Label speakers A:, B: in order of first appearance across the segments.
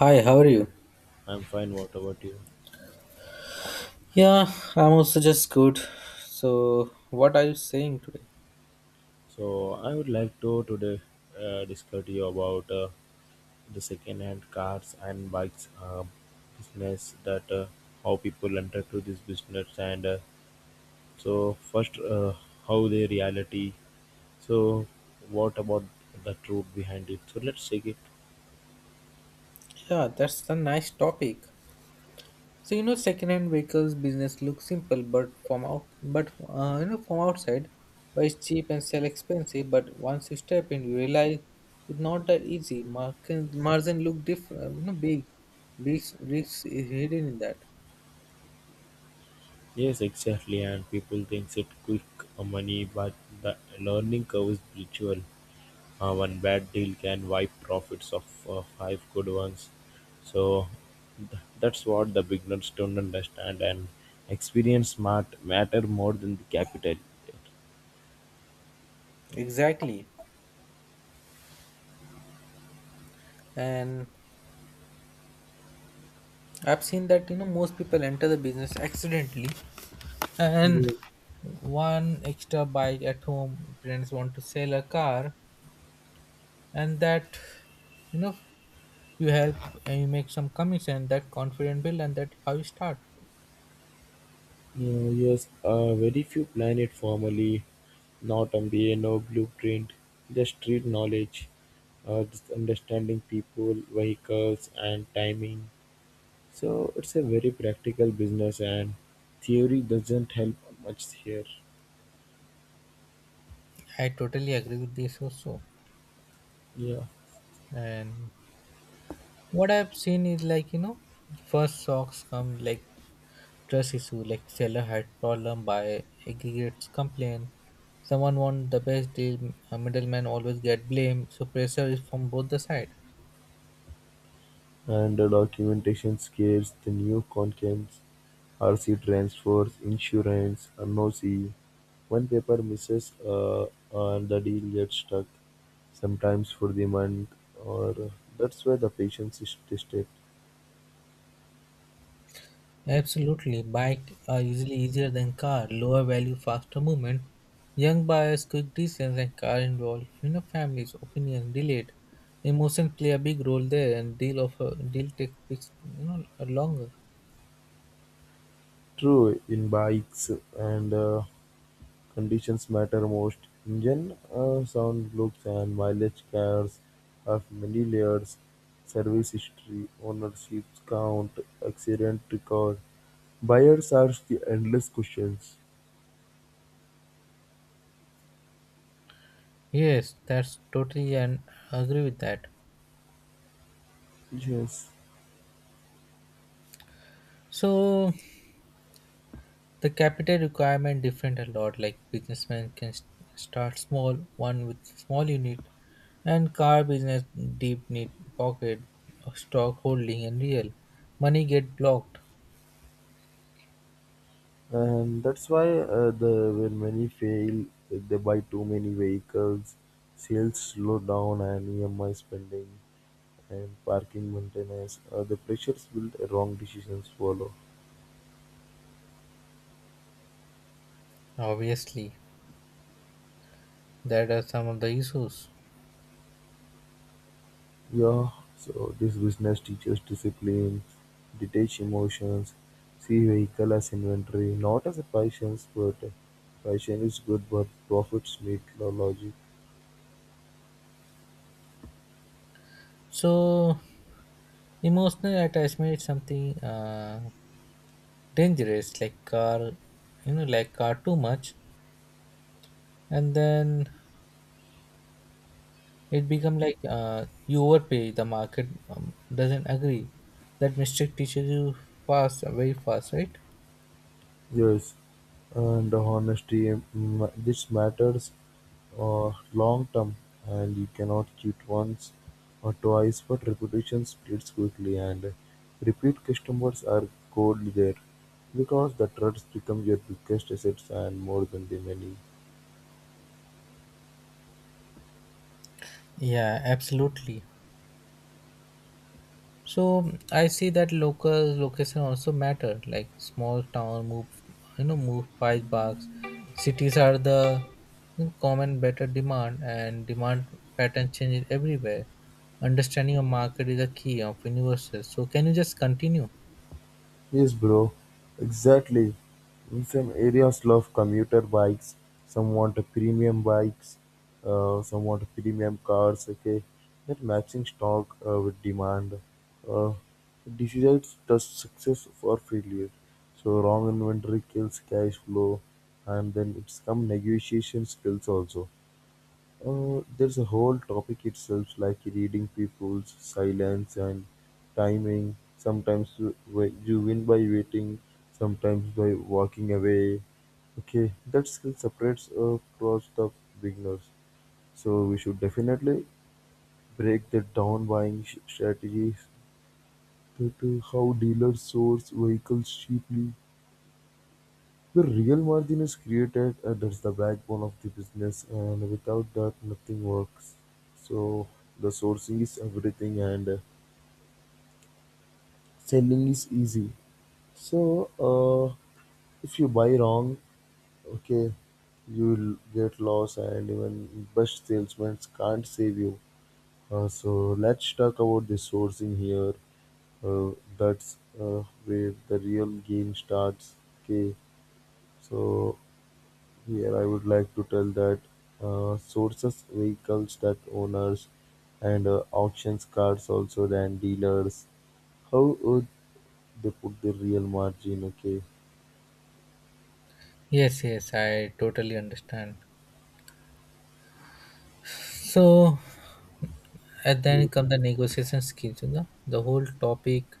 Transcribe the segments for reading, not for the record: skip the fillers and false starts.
A: Hi, how are you?
B: I'm fine. What about you?
A: Yeah, I'm also just good. So, what are you saying today?
B: So I would like to today discuss to you about the second-hand cars and bikes business that how people enter to this business and so first how they reality. So what about the truth behind it? So let's take it.
A: Yeah, that's a nice topic. So second-hand vehicles business looks simple, but from out, but you know, from outside, but it's cheap and sell expensive. But once you step in, you realize it's not that easy. Margin look different, big, big risks is hidden in that.
B: Yes, exactly. And people thinks it quick money, but the learning curve is virtual. One bad deal can wipe profits of five good ones. So that's what the beginners don't understand, and experience matter more than the capital.
A: Exactly, and I've seen that most people enter the business accidentally, and one extra bike at home, parents want to sell a car, and that you know you help, and you make some commission, that confident build, and that how you start.
B: Yes, very few plan it formally, not MBA, no blueprint, just street knowledge, just understanding people, vehicles, and timing. So it's a very practical business, and theory doesn't help much here.
A: I totally agree with this also,
B: Yeah.
A: and what I've seen is like, first socks come like trust issue, like seller had problem, buyer aggregates complain. Someone want the best deal, a middleman always get blamed, so pressure is from both the side.
B: And the documentation scares the new contents, rc transfers, insurance, NOC. One paper misses and the deal gets stuck, sometimes for the month, or that's where the patience is tested.
A: Absolutely, bike are usually easier than car, lower value, faster movement. Young buyers, quick decisions, and car involved. Families, opinion, delayed. Emotions play a big role there, and deal of a deal takes longer.
B: True in bikes and conditions matter most: engine sound, looks, and mileage; cars have many layers: service history, ownership count, accident record. Buyers ask the endless questions.
A: Yes, that's totally and agree with that.
B: Yes,
A: So the capital requirement different a lot. Like businessmen can start small, one with small unit, and car business deep need pocket, stock holding, and real money get blocked.
B: and that's why the when many fail, they buy too many vehicles, sales slow down, and EMI spending and parking maintenance. The pressures build, wrong decisions follow.
A: Obviously, that are some of the issues.
B: Yeah, so this business teaches discipline, detach emotions, see vehicle as inventory, not as a patience, but passion is good, but profits need the logic.
A: So, emotional attachment is something dangerous. Like car, like car too much, and then it become like, you overpay, the market doesn't agree. That mistake teaches you fast, very fast, right?
B: Yes, and honesty, this matters long term, and you cannot cheat once or twice, but reputation splits quickly, and repeat customers are gold there because the trust becomes your biggest assets and more than the money.
A: Yeah, absolutely. So, I see that local location also matter. Like small town move, move price box. Cities are the common better demand, and demand pattern changes everywhere. Understanding your market is a key of universal. So can you just continue?
B: Yes, bro, exactly. In some areas, love commuter bikes, some want a premium bikes, some want premium cars, okay? That matching stock with demand uh, decides the success or failure. So, wrong inventory kills cash flow, and then it's come negotiation skills also. There's a whole topic itself, like reading people's silence and timing. Sometimes you, you win by waiting, sometimes by walking away. Okay, that skill separates across the beginners. So we should definitely break that down buying strategies that to how dealers source vehicles cheaply. The real margin is created, and that's the backbone of the business, and without that, nothing works. So, the sourcing is everything, and selling is easy. So, if you buy wrong, okay, you will get lost, and even best salesmen can't save you. So, let's talk about the sourcing here. That's where the real game starts. Okay, so here I would like to tell that sources vehicles that owners and auctions cars also than dealers. How would they put the real margin? Okay.
A: Yes, yes, I totally understand. So, and then
B: Yes.
A: come the negotiation skills, the whole topic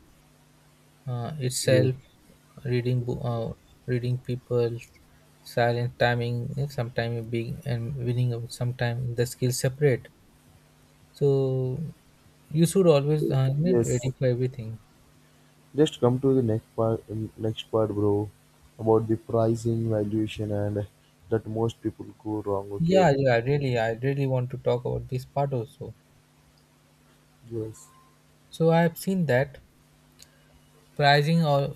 B: Yes.
A: itself, reading bo- uh, reading people silent, timing, sometimes being and winning, sometimes the skills separate. So you should always
B: Yes.
A: ready for everything.
B: Just come to the next part. Next part, bro, about the pricing, valuation, and that most people go wrong. Okay.
A: Yeah, yeah, really I really want to talk about this part also.
B: Yes.
A: So I have seen that pricing or,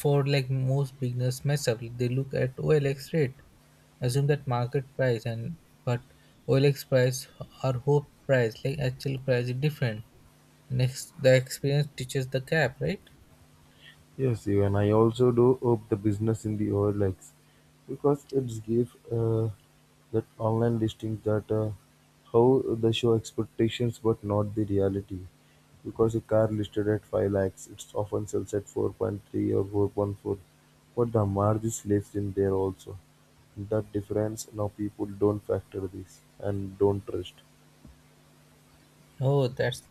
A: for like most beginners mess up, they look at OLX rate, assume that market price, and but OLX price or hope price, like actual price is different. Next the experience teaches the gap, right?
B: Yes, even I also do up the business in the OLX because it's give that online listing that how they show expectations but not the reality. Because a car listed at 5 lakhs, it's often sells at 4.3 or 4.4, but the margin lives in there also. That difference now people don't factor this and don't trust.
A: Oh, that's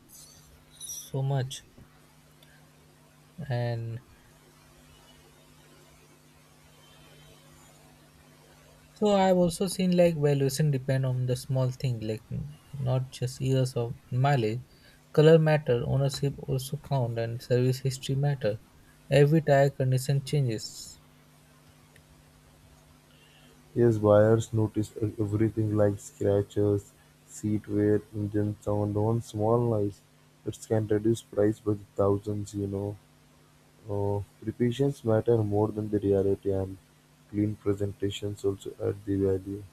A: so much. And so I've also seen like valuation depend on the small thing, like not just years of mileage. Color matter, ownership also count, and service history matter. Every tire condition changes.
B: Yes, buyers noticed everything like scratches, seat wear, engine sound. On small noise, it can reduce price by the thousands, you know. Preparations matter more than the reality, and clean presentations also add the value.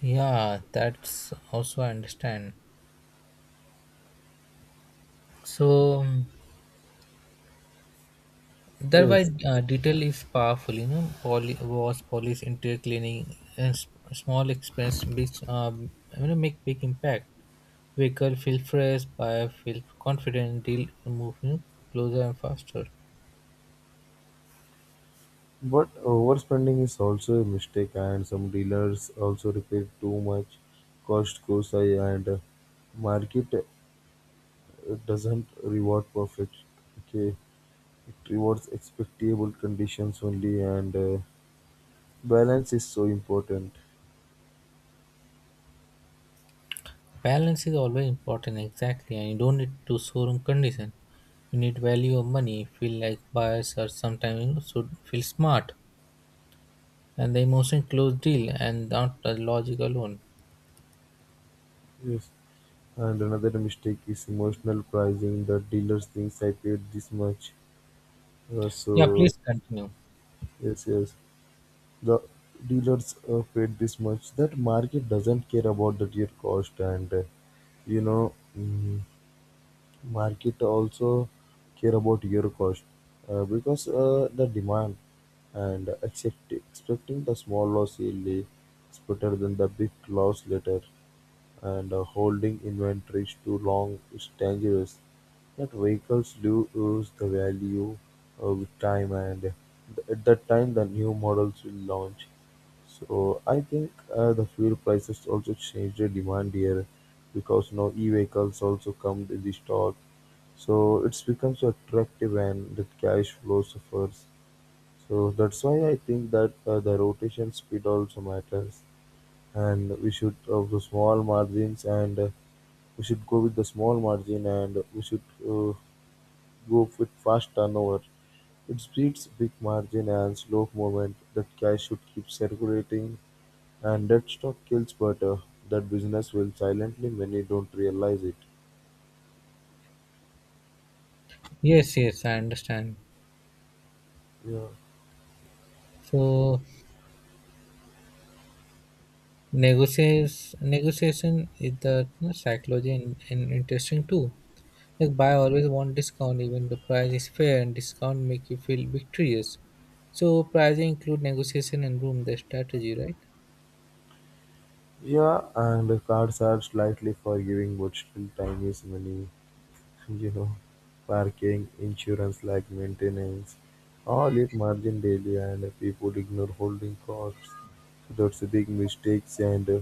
A: Yeah, that's also I understand. So that why
B: Yes,
A: detail is powerful. Poly wash, polish, interior cleaning, and small expense, big, make big impact. Quicker, feel fresh, buyer feel confident, deal move closer and faster.
B: but overspending is also a mistake, and some dealers also repair too much. Cost goes high, and market doesn't reward perfect. Okay, it rewards expectable conditions only, and balance is so important.
A: Balance is always important, exactly, and you don't need to showroom condition. You need value of money, feel like buyers are sometimes should feel smart, and the emotion close deal and not the logic alone.
B: Yes. And another mistake is emotional pricing. The dealers thinks I paid this much,
A: Yeah,
B: so
A: please continue.
B: yes, yes. The dealers paid this much. That market doesn't care about that your cost, and you know. mm, market also care about your cost because the demand and accept, expecting the small loss early is better than the big loss later and holding inventories too long is dangerous that vehicles lose the value with time and at that time the new models will launch. So I think the fuel prices also change the demand here because now e-vehicles also come in the stock. So it's becomes attractive and the cash flow suffers. So that's why I think that the rotation speed also matters, and we should of the small margins and we should go with the small margin and we should go with fast turnover. It beats big margin and slow movement that cash should keep circulating and dead stock kills butter. That business will silently many don't realize it.
A: Yes, yes, I understand.
B: Yeah.
A: So negotiation is the, psychology and interesting too. Like buy always want discount even the price is fair, and discount make you feel victorious. So pricing include negotiation and room the strategy, right?
B: Yeah, and the cards are slightly forgiving but still time is money, you know. Parking, insurance like maintenance, all it margin daily and people ignore holding costs. So that's a big mistakes and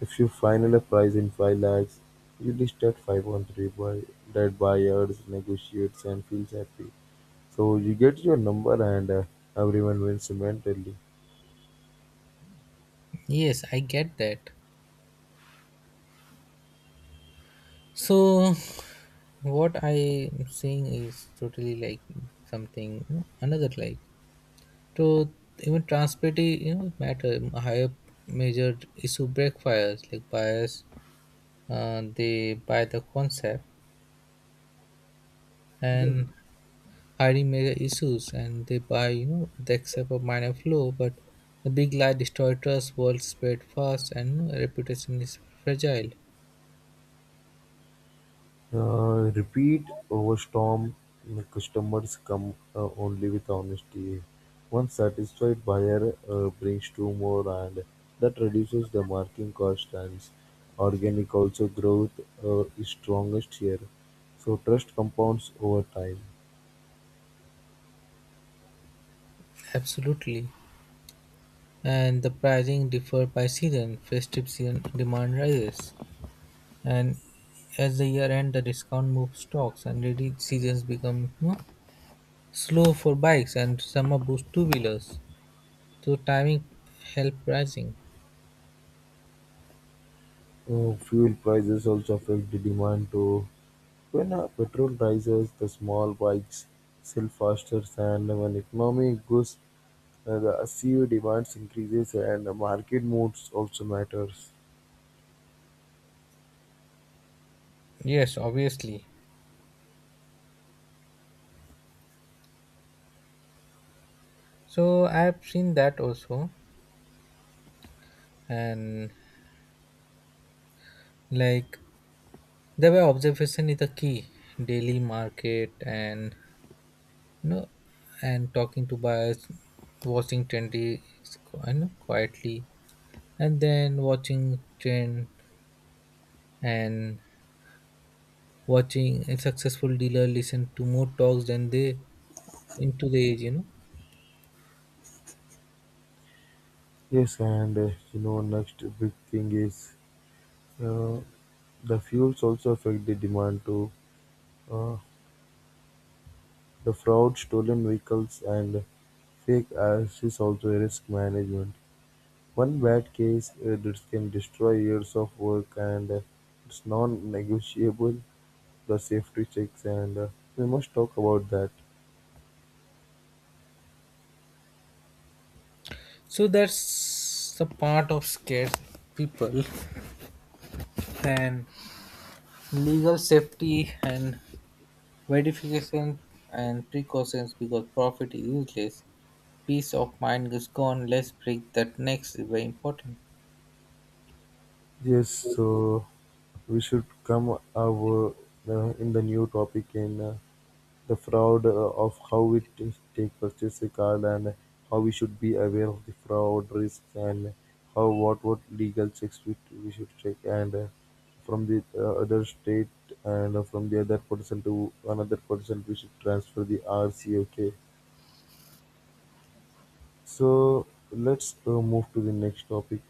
B: if you final a price in 5 lakhs, you list at 5.3 by that buyers negotiates and feels happy. So you get your number and everyone wins mentally.
A: Yes, I get that. So what I am saying is totally like something, another like, so even transparency matter higher, major issue break fires like buyers, they buy the concept and hiding major issues, and they buy they accept a minor flaw, but the big lie destroys trust, world spread fast, and reputation is fragile.
B: Repeat over storm. The customers come only with honesty. One satisfied buyer brings two more, and that reduces the marketing cost. And organic also growth is strongest here. So trust compounds over time.
A: Absolutely, and the pricing differ by season, festive season demand rises, and as the year end the discount moves stocks, and ready seasons become slow for bikes, and summer boosts two wheelers. So timing help pricing.
B: Fuel prices also affect the demand too. When petrol rises, the small bikes sell faster, and when economy goes, the CO demands increases, and the market modes also matters.
A: Yes, obviously. So I've seen that also, and like the way observation is the key, daily market and you know and talking to buyers, watching trendy quietly, and then watching trend, and watching a successful dealer listen to more talks than they into the age,
B: Yes, and you know next big thing is uh, the fuels also affect the demand too. Uh, the fraud, stolen vehicles, and fake ads is also a risk management. One bad case that can destroy years of work, and it's non-negotiable. The safety checks and we must talk about that.
A: so that's the part of scared people, and legal safety and verification and precautions, because profit is useless, peace of mind is gone. Let's break that next is very important.
B: Yes, so we should come our in the new topic in the fraud of how we take purchase a card and how we should be aware of the fraud risks and how what legal checks we should check and from the other state and from the other person to another person we should transfer the rc. Okay, so let's move to the next topic.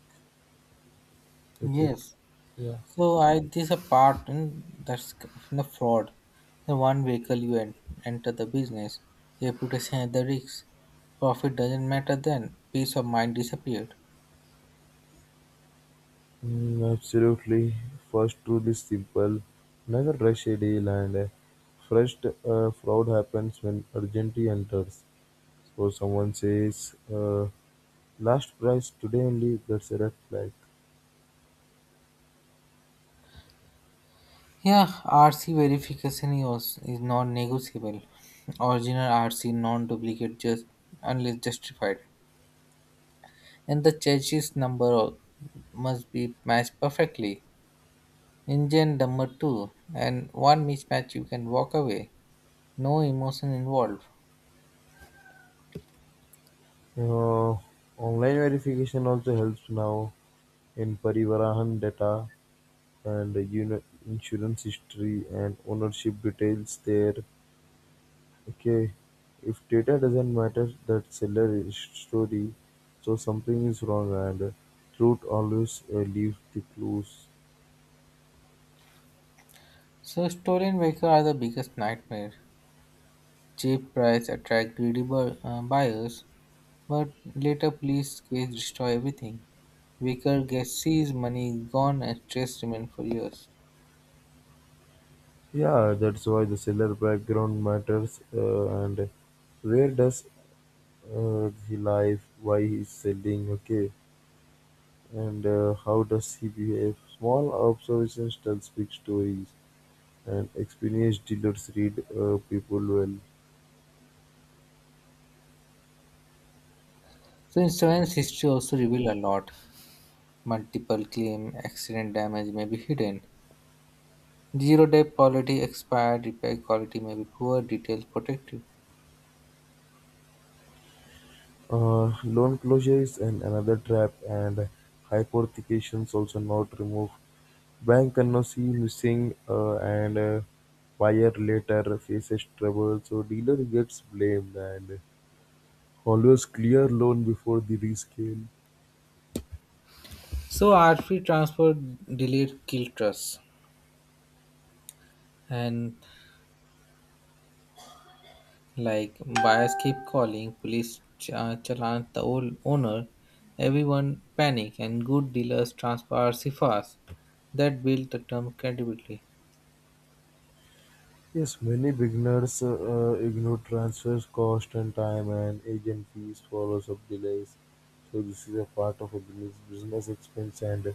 B: Okay.
A: Yes.
B: Yeah,
A: So I this a part in, that's in the fraud. The one vehicle you enter the business, reputation at the risk, profit doesn't matter then. Peace of mind disappeared.
B: absolutely. First rule is simple. Never rush a deal and first fraud happens when urgency enters. So someone says, last price today only, that's a red flag.
A: Yeah, RC verification is non-negotiable. Original RC non-duplicate just unless justified, and the chassis number must be matched perfectly. Engine number two, and one mismatch you can walk away. No emotion involved.
B: Uh, Online verification also helps now in Parivahan data and insurance history and ownership details there. Okay, if data doesn't matter, that seller is story, so something is wrong, and truth always leaves the clues.
A: So stolen vehicles are the biggest nightmare. Cheap price attract greedy buyers, but later police case destroy everything. Vehicle gets seized, money is gone, and stress remains for years.
B: Yeah, that's why the seller background matters, and where does he live, why he's selling, okay, and how does he behave. Small observations tell big stories, and experienced dealers read people well.
A: So insurance history also reveal a lot. Multiple claim, accident damage may be hidden. Zero day quality expired, repair quality may be poor, details protected.
B: Loan closure is an, another trap, and hypothecations also not removed. Bank cannot see missing and buyer later faces trouble, so dealer gets blamed and always clear loan before the rescale.
A: So RFP transfer delayed kill trust, and like buyers keep calling police, challan the old owner. Everyone panic and good dealers transfer RC fast. That built the term credibility.
B: Yes, many beginners ignore transfers cost and time and agent fees follows up delays. So this is a part of a business business expense and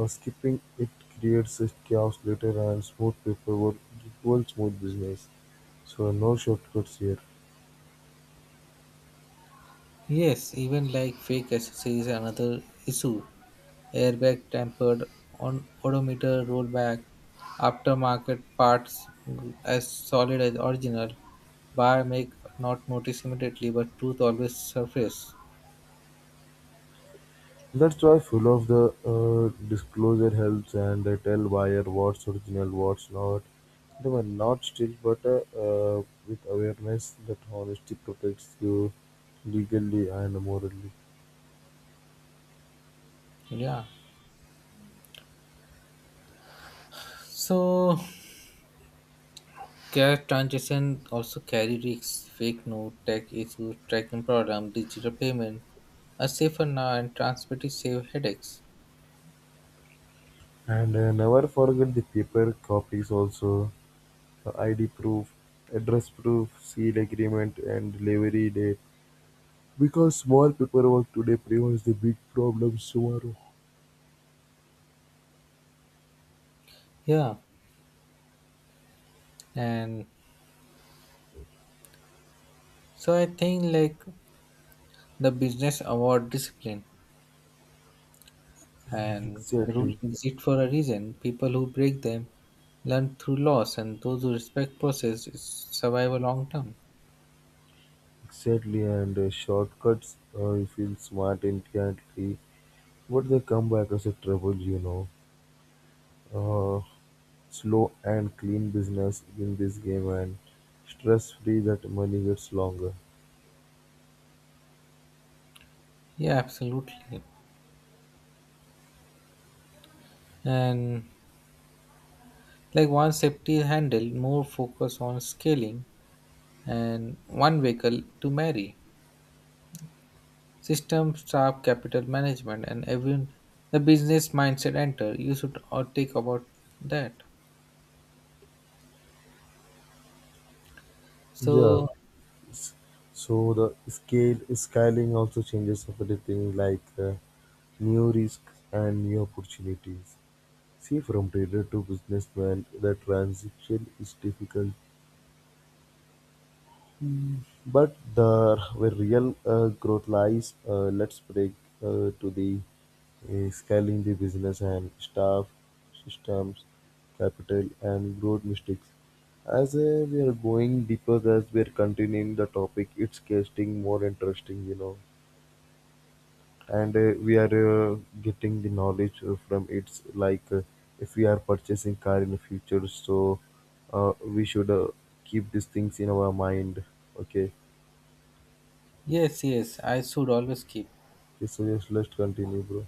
B: uh, skipping it creates a chaos later and smooth paperwork equals smooth business. So no shortcuts here.
A: Yes, even like fake accessories is another issue. Airbag tampered on odometer rollback, aftermarket parts as solid as original. Buyer may not notice immediately, but truth always surface.
B: That's why full of the disclosure helps and they tell buyer what's original, what's not. They were not still, but with awareness that honesty protects you legally and morally.
A: Yeah. So cash transaction also carry risks, fake note, tech issues, tracking problem, digital payment, a safer now and transmitted save headaches.
B: And never forget the paper copies also, the ID proof, address proof, seal agreement, and delivery date. Because small paperwork today prevents the big problems tomorrow.
A: Yeah. And so I think like the business award discipline and the rule
B: Exactly,
A: exist for a reason. People who break them learn through loss, and those who respect process is survive a long term.
B: exactly, and shortcuts you feel smart instantly, but they come back as a trouble, you know. Uh, Slow and clean business in this game, and stress free that money gets longer.
A: Yeah, absolutely. And like once safety is handled, more focus on scaling and one vehicle to marry. System, staff, capital management, and every the business mindset enter. You should all take about that.
B: Yeah,
A: So
B: s- so the scale scaling also changes everything like new risks and new opportunities. See from trader to businessman, the transition is difficult, but the where real growth lies. Let's break to the scaling the business and staff, systems, capital, and growth mistakes. As we are going deeper, as we are continuing the topic, it's getting more interesting, you know. And we are getting the knowledge from it like if we are purchasing car in the future so we should keep these things in our mind, okay.
A: yes, yes, I should always keep.
B: So just let's continue, bro.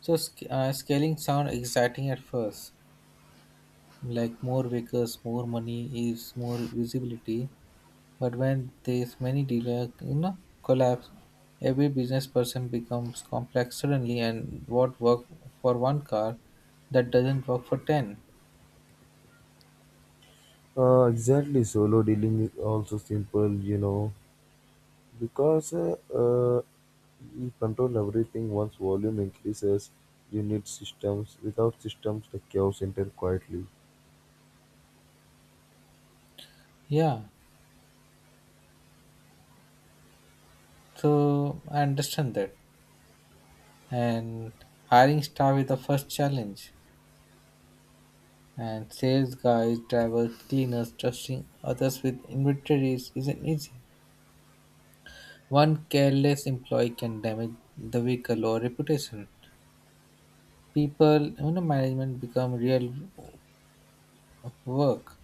A: So scaling sound exciting at first, like more vehicles, more money is more visibility. But when there's many dealer, collapse, every business person becomes complex suddenly, and what work for one car, that doesn't work for 10.
B: Exactly, solo dealing is also simple, you know, because you control everything. Once volume increases you need systems. Without systems the chaos enter quietly.
A: Yeah, so I understand that. And hiring staff is the first challenge. And sales guys, drivers, cleaners, trusting others with inventories isn't easy. One careless employee can damage the vehicle or reputation. People, management become real work.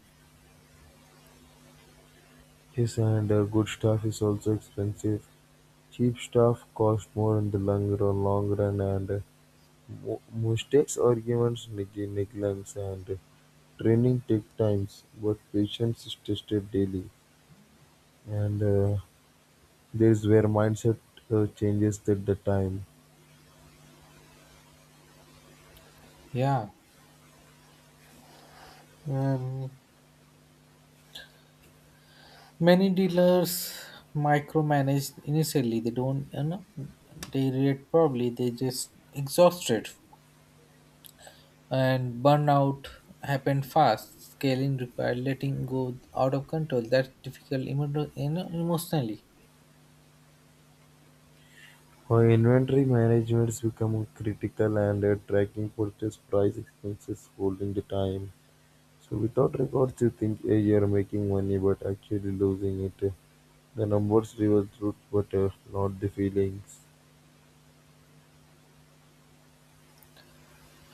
B: Yes, and good stuff is also expensive. Cheap stuff costs more in the long run and mistakes, arguments, negligence, and training take times, but patience is tested daily. And there is where mindset changes at the time.
A: Yeah. And many dealers micromanage initially. They don't, they react probably. They just exhausted and burnout happened fast. Scaling required letting go out of control. That's difficult, emotionally.
B: Our inventory management is becoming critical, and tracking purchase price expenses holding the time. So without records, you think hey, you're making money, but actually losing it. The numbers reveal truth, but not the feelings.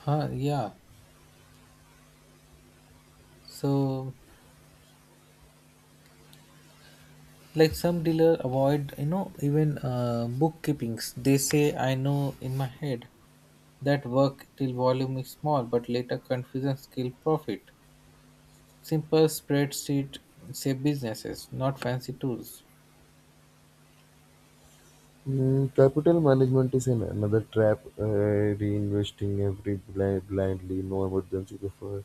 A: Huh? Yeah. So, like some dealer avoid even bookkeepings. They say I know in my head that work till volume is small, but later confusion skill profit. Simple spreadsheet save businesses, not fancy tools.
B: Capital management is an, another trap. Reinvesting every blind blindly, no emergency before.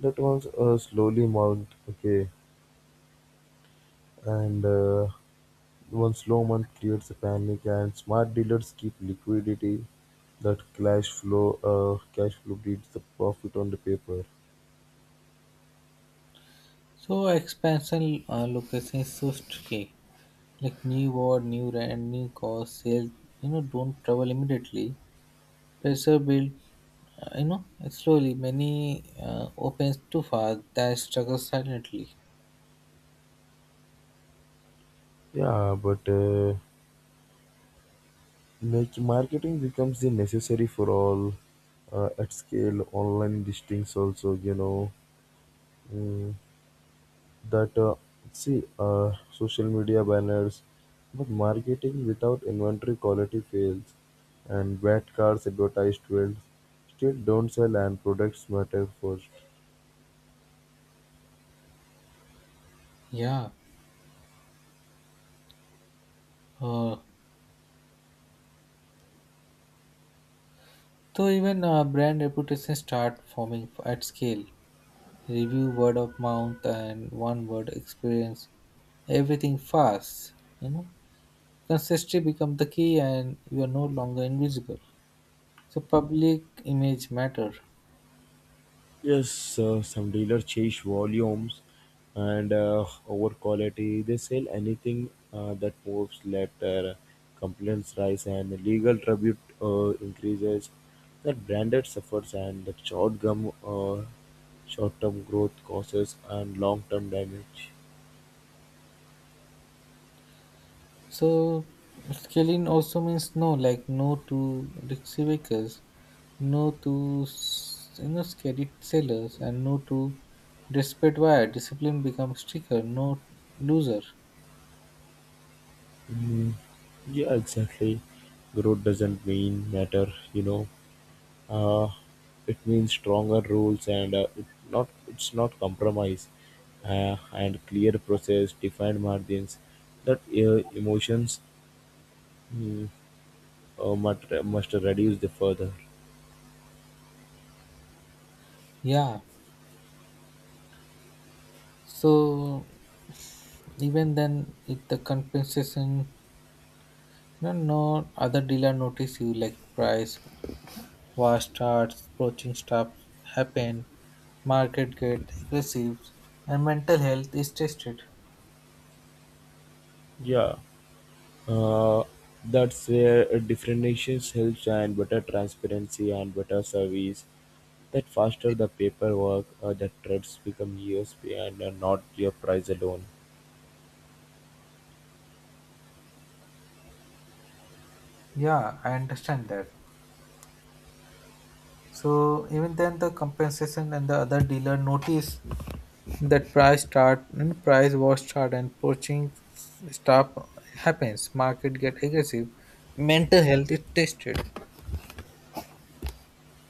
B: That one's a slowly mount. Okay, and one slow month creates a panic, and smart dealers keep liquidity. That cash flow beats the profit on the paper.
A: So expansion location is so tricky, like new war, new rent, new cost, sales. Don't travel immediately. Pressure build. Slowly. Many opens too fast that struggle silently.
B: Yeah, but make marketing becomes the necessary for all at scale. Online listings also, you know. Mm, that see social media banners but marketing without inventory quality fails and bad cars advertised well still don't sell and products matter first.
A: Yeah. Uh, so even brand reputation start forming at scale. Review, word of mouth, and one word experience. Everything fast. You know, consistency become the key, and you are no longer invisible. So public image matter.
B: Yes, some dealers chase volumes and over quality. They sell anything that moves later. Complaints rise and legal tribute increases. That branded suffers and the short-term, short-term growth causes and long-term damage.
A: So scaling also means no, like no to risky vehicles, no to scary sellers, and no to desperate buyer. Discipline becomes stricter, no loser.
B: Mm, yeah, exactly. Growth doesn't mean matter, you know. uh, it means stronger rules and it not it's not compromise and clear process defined margins that emotions mm, must reduce the further.
A: Yeah. So even then, if the compensation, no other dealer notice you, like price war starts, poaching stops happen, market get aggressive, and mental health is tested.
B: Yeah uh, that's where differentiations helps and better transparency and better service that faster the paperwork that trades become years behind and not your price alone.
A: Yeah, I understand that. So even then, the compensation and the other dealer noticed that price start and price was start, and poaching stop happens. Market get aggressive. Mental health is tested.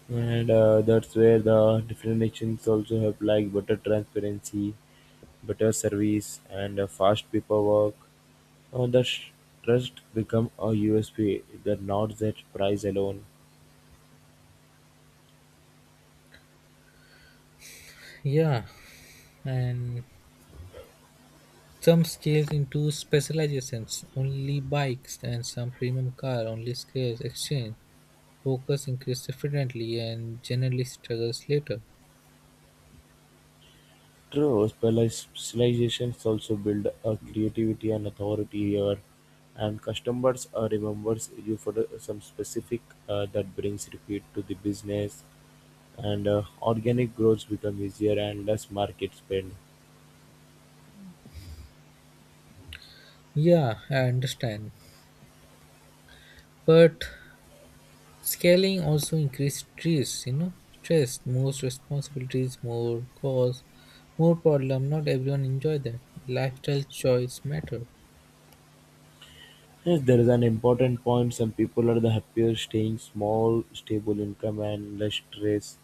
B: And that's where the different nations also have like better transparency, better service, and fast paperwork. Uh, the sh- Trust become a USP, the not that price alone.
A: Yeah, and some scaled into specializations, only bikes, and some premium car, only scales, exchange. Focus increased differently and generally struggles later.
B: True, specializations also build a creativity and authority here, and customers remembers you for the, some specific that brings repeat to the business, and organic growth become easier and less market spend.
A: Yeah, I understand. But scaling also increased stress, stress, most responsibilities, more cause, more problem. Not everyone enjoy that. Lifestyle choice matter.
B: Yes, there is an important point. Some people are the happier staying small, stable income and less stress,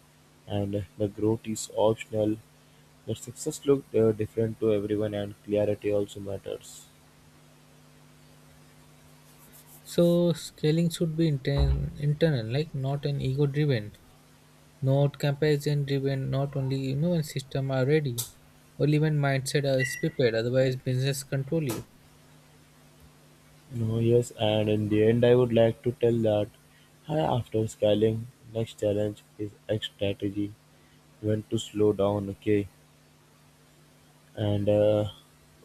B: and the growth is optional. The success look different to everyone, and clarity also matters.
A: So scaling should be internal, like not an ego driven, not comparison driven, not only when system are ready, only when mindset is prepared, otherwise business control you.
B: No, yes, and in the end, I would like to tell that hi, after scaling, next challenge is X strategy. When to slow down, okay? And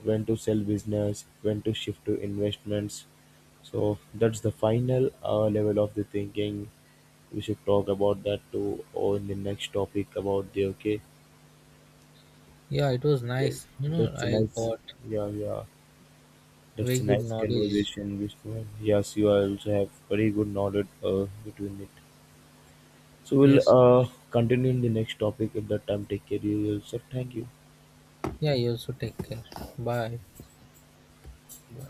B: when to sell business, when to shift to investments. So that's the final level of the thinking. We should talk about that too or in the next topic about the okay.
A: Yeah, it was nice.
B: That's a
A: I
B: nice,
A: got
B: yeah, yeah.
A: very
B: That's a
A: good
B: nice
A: knowledge.
B: conversation, Vishnu. Yes, you also have very good knowledge between it. So we'll
A: Yes.
B: continue in the next topic at that time. Take care of yourself. Thank you.
A: Yeah, you also take care. Bye.
B: Bye.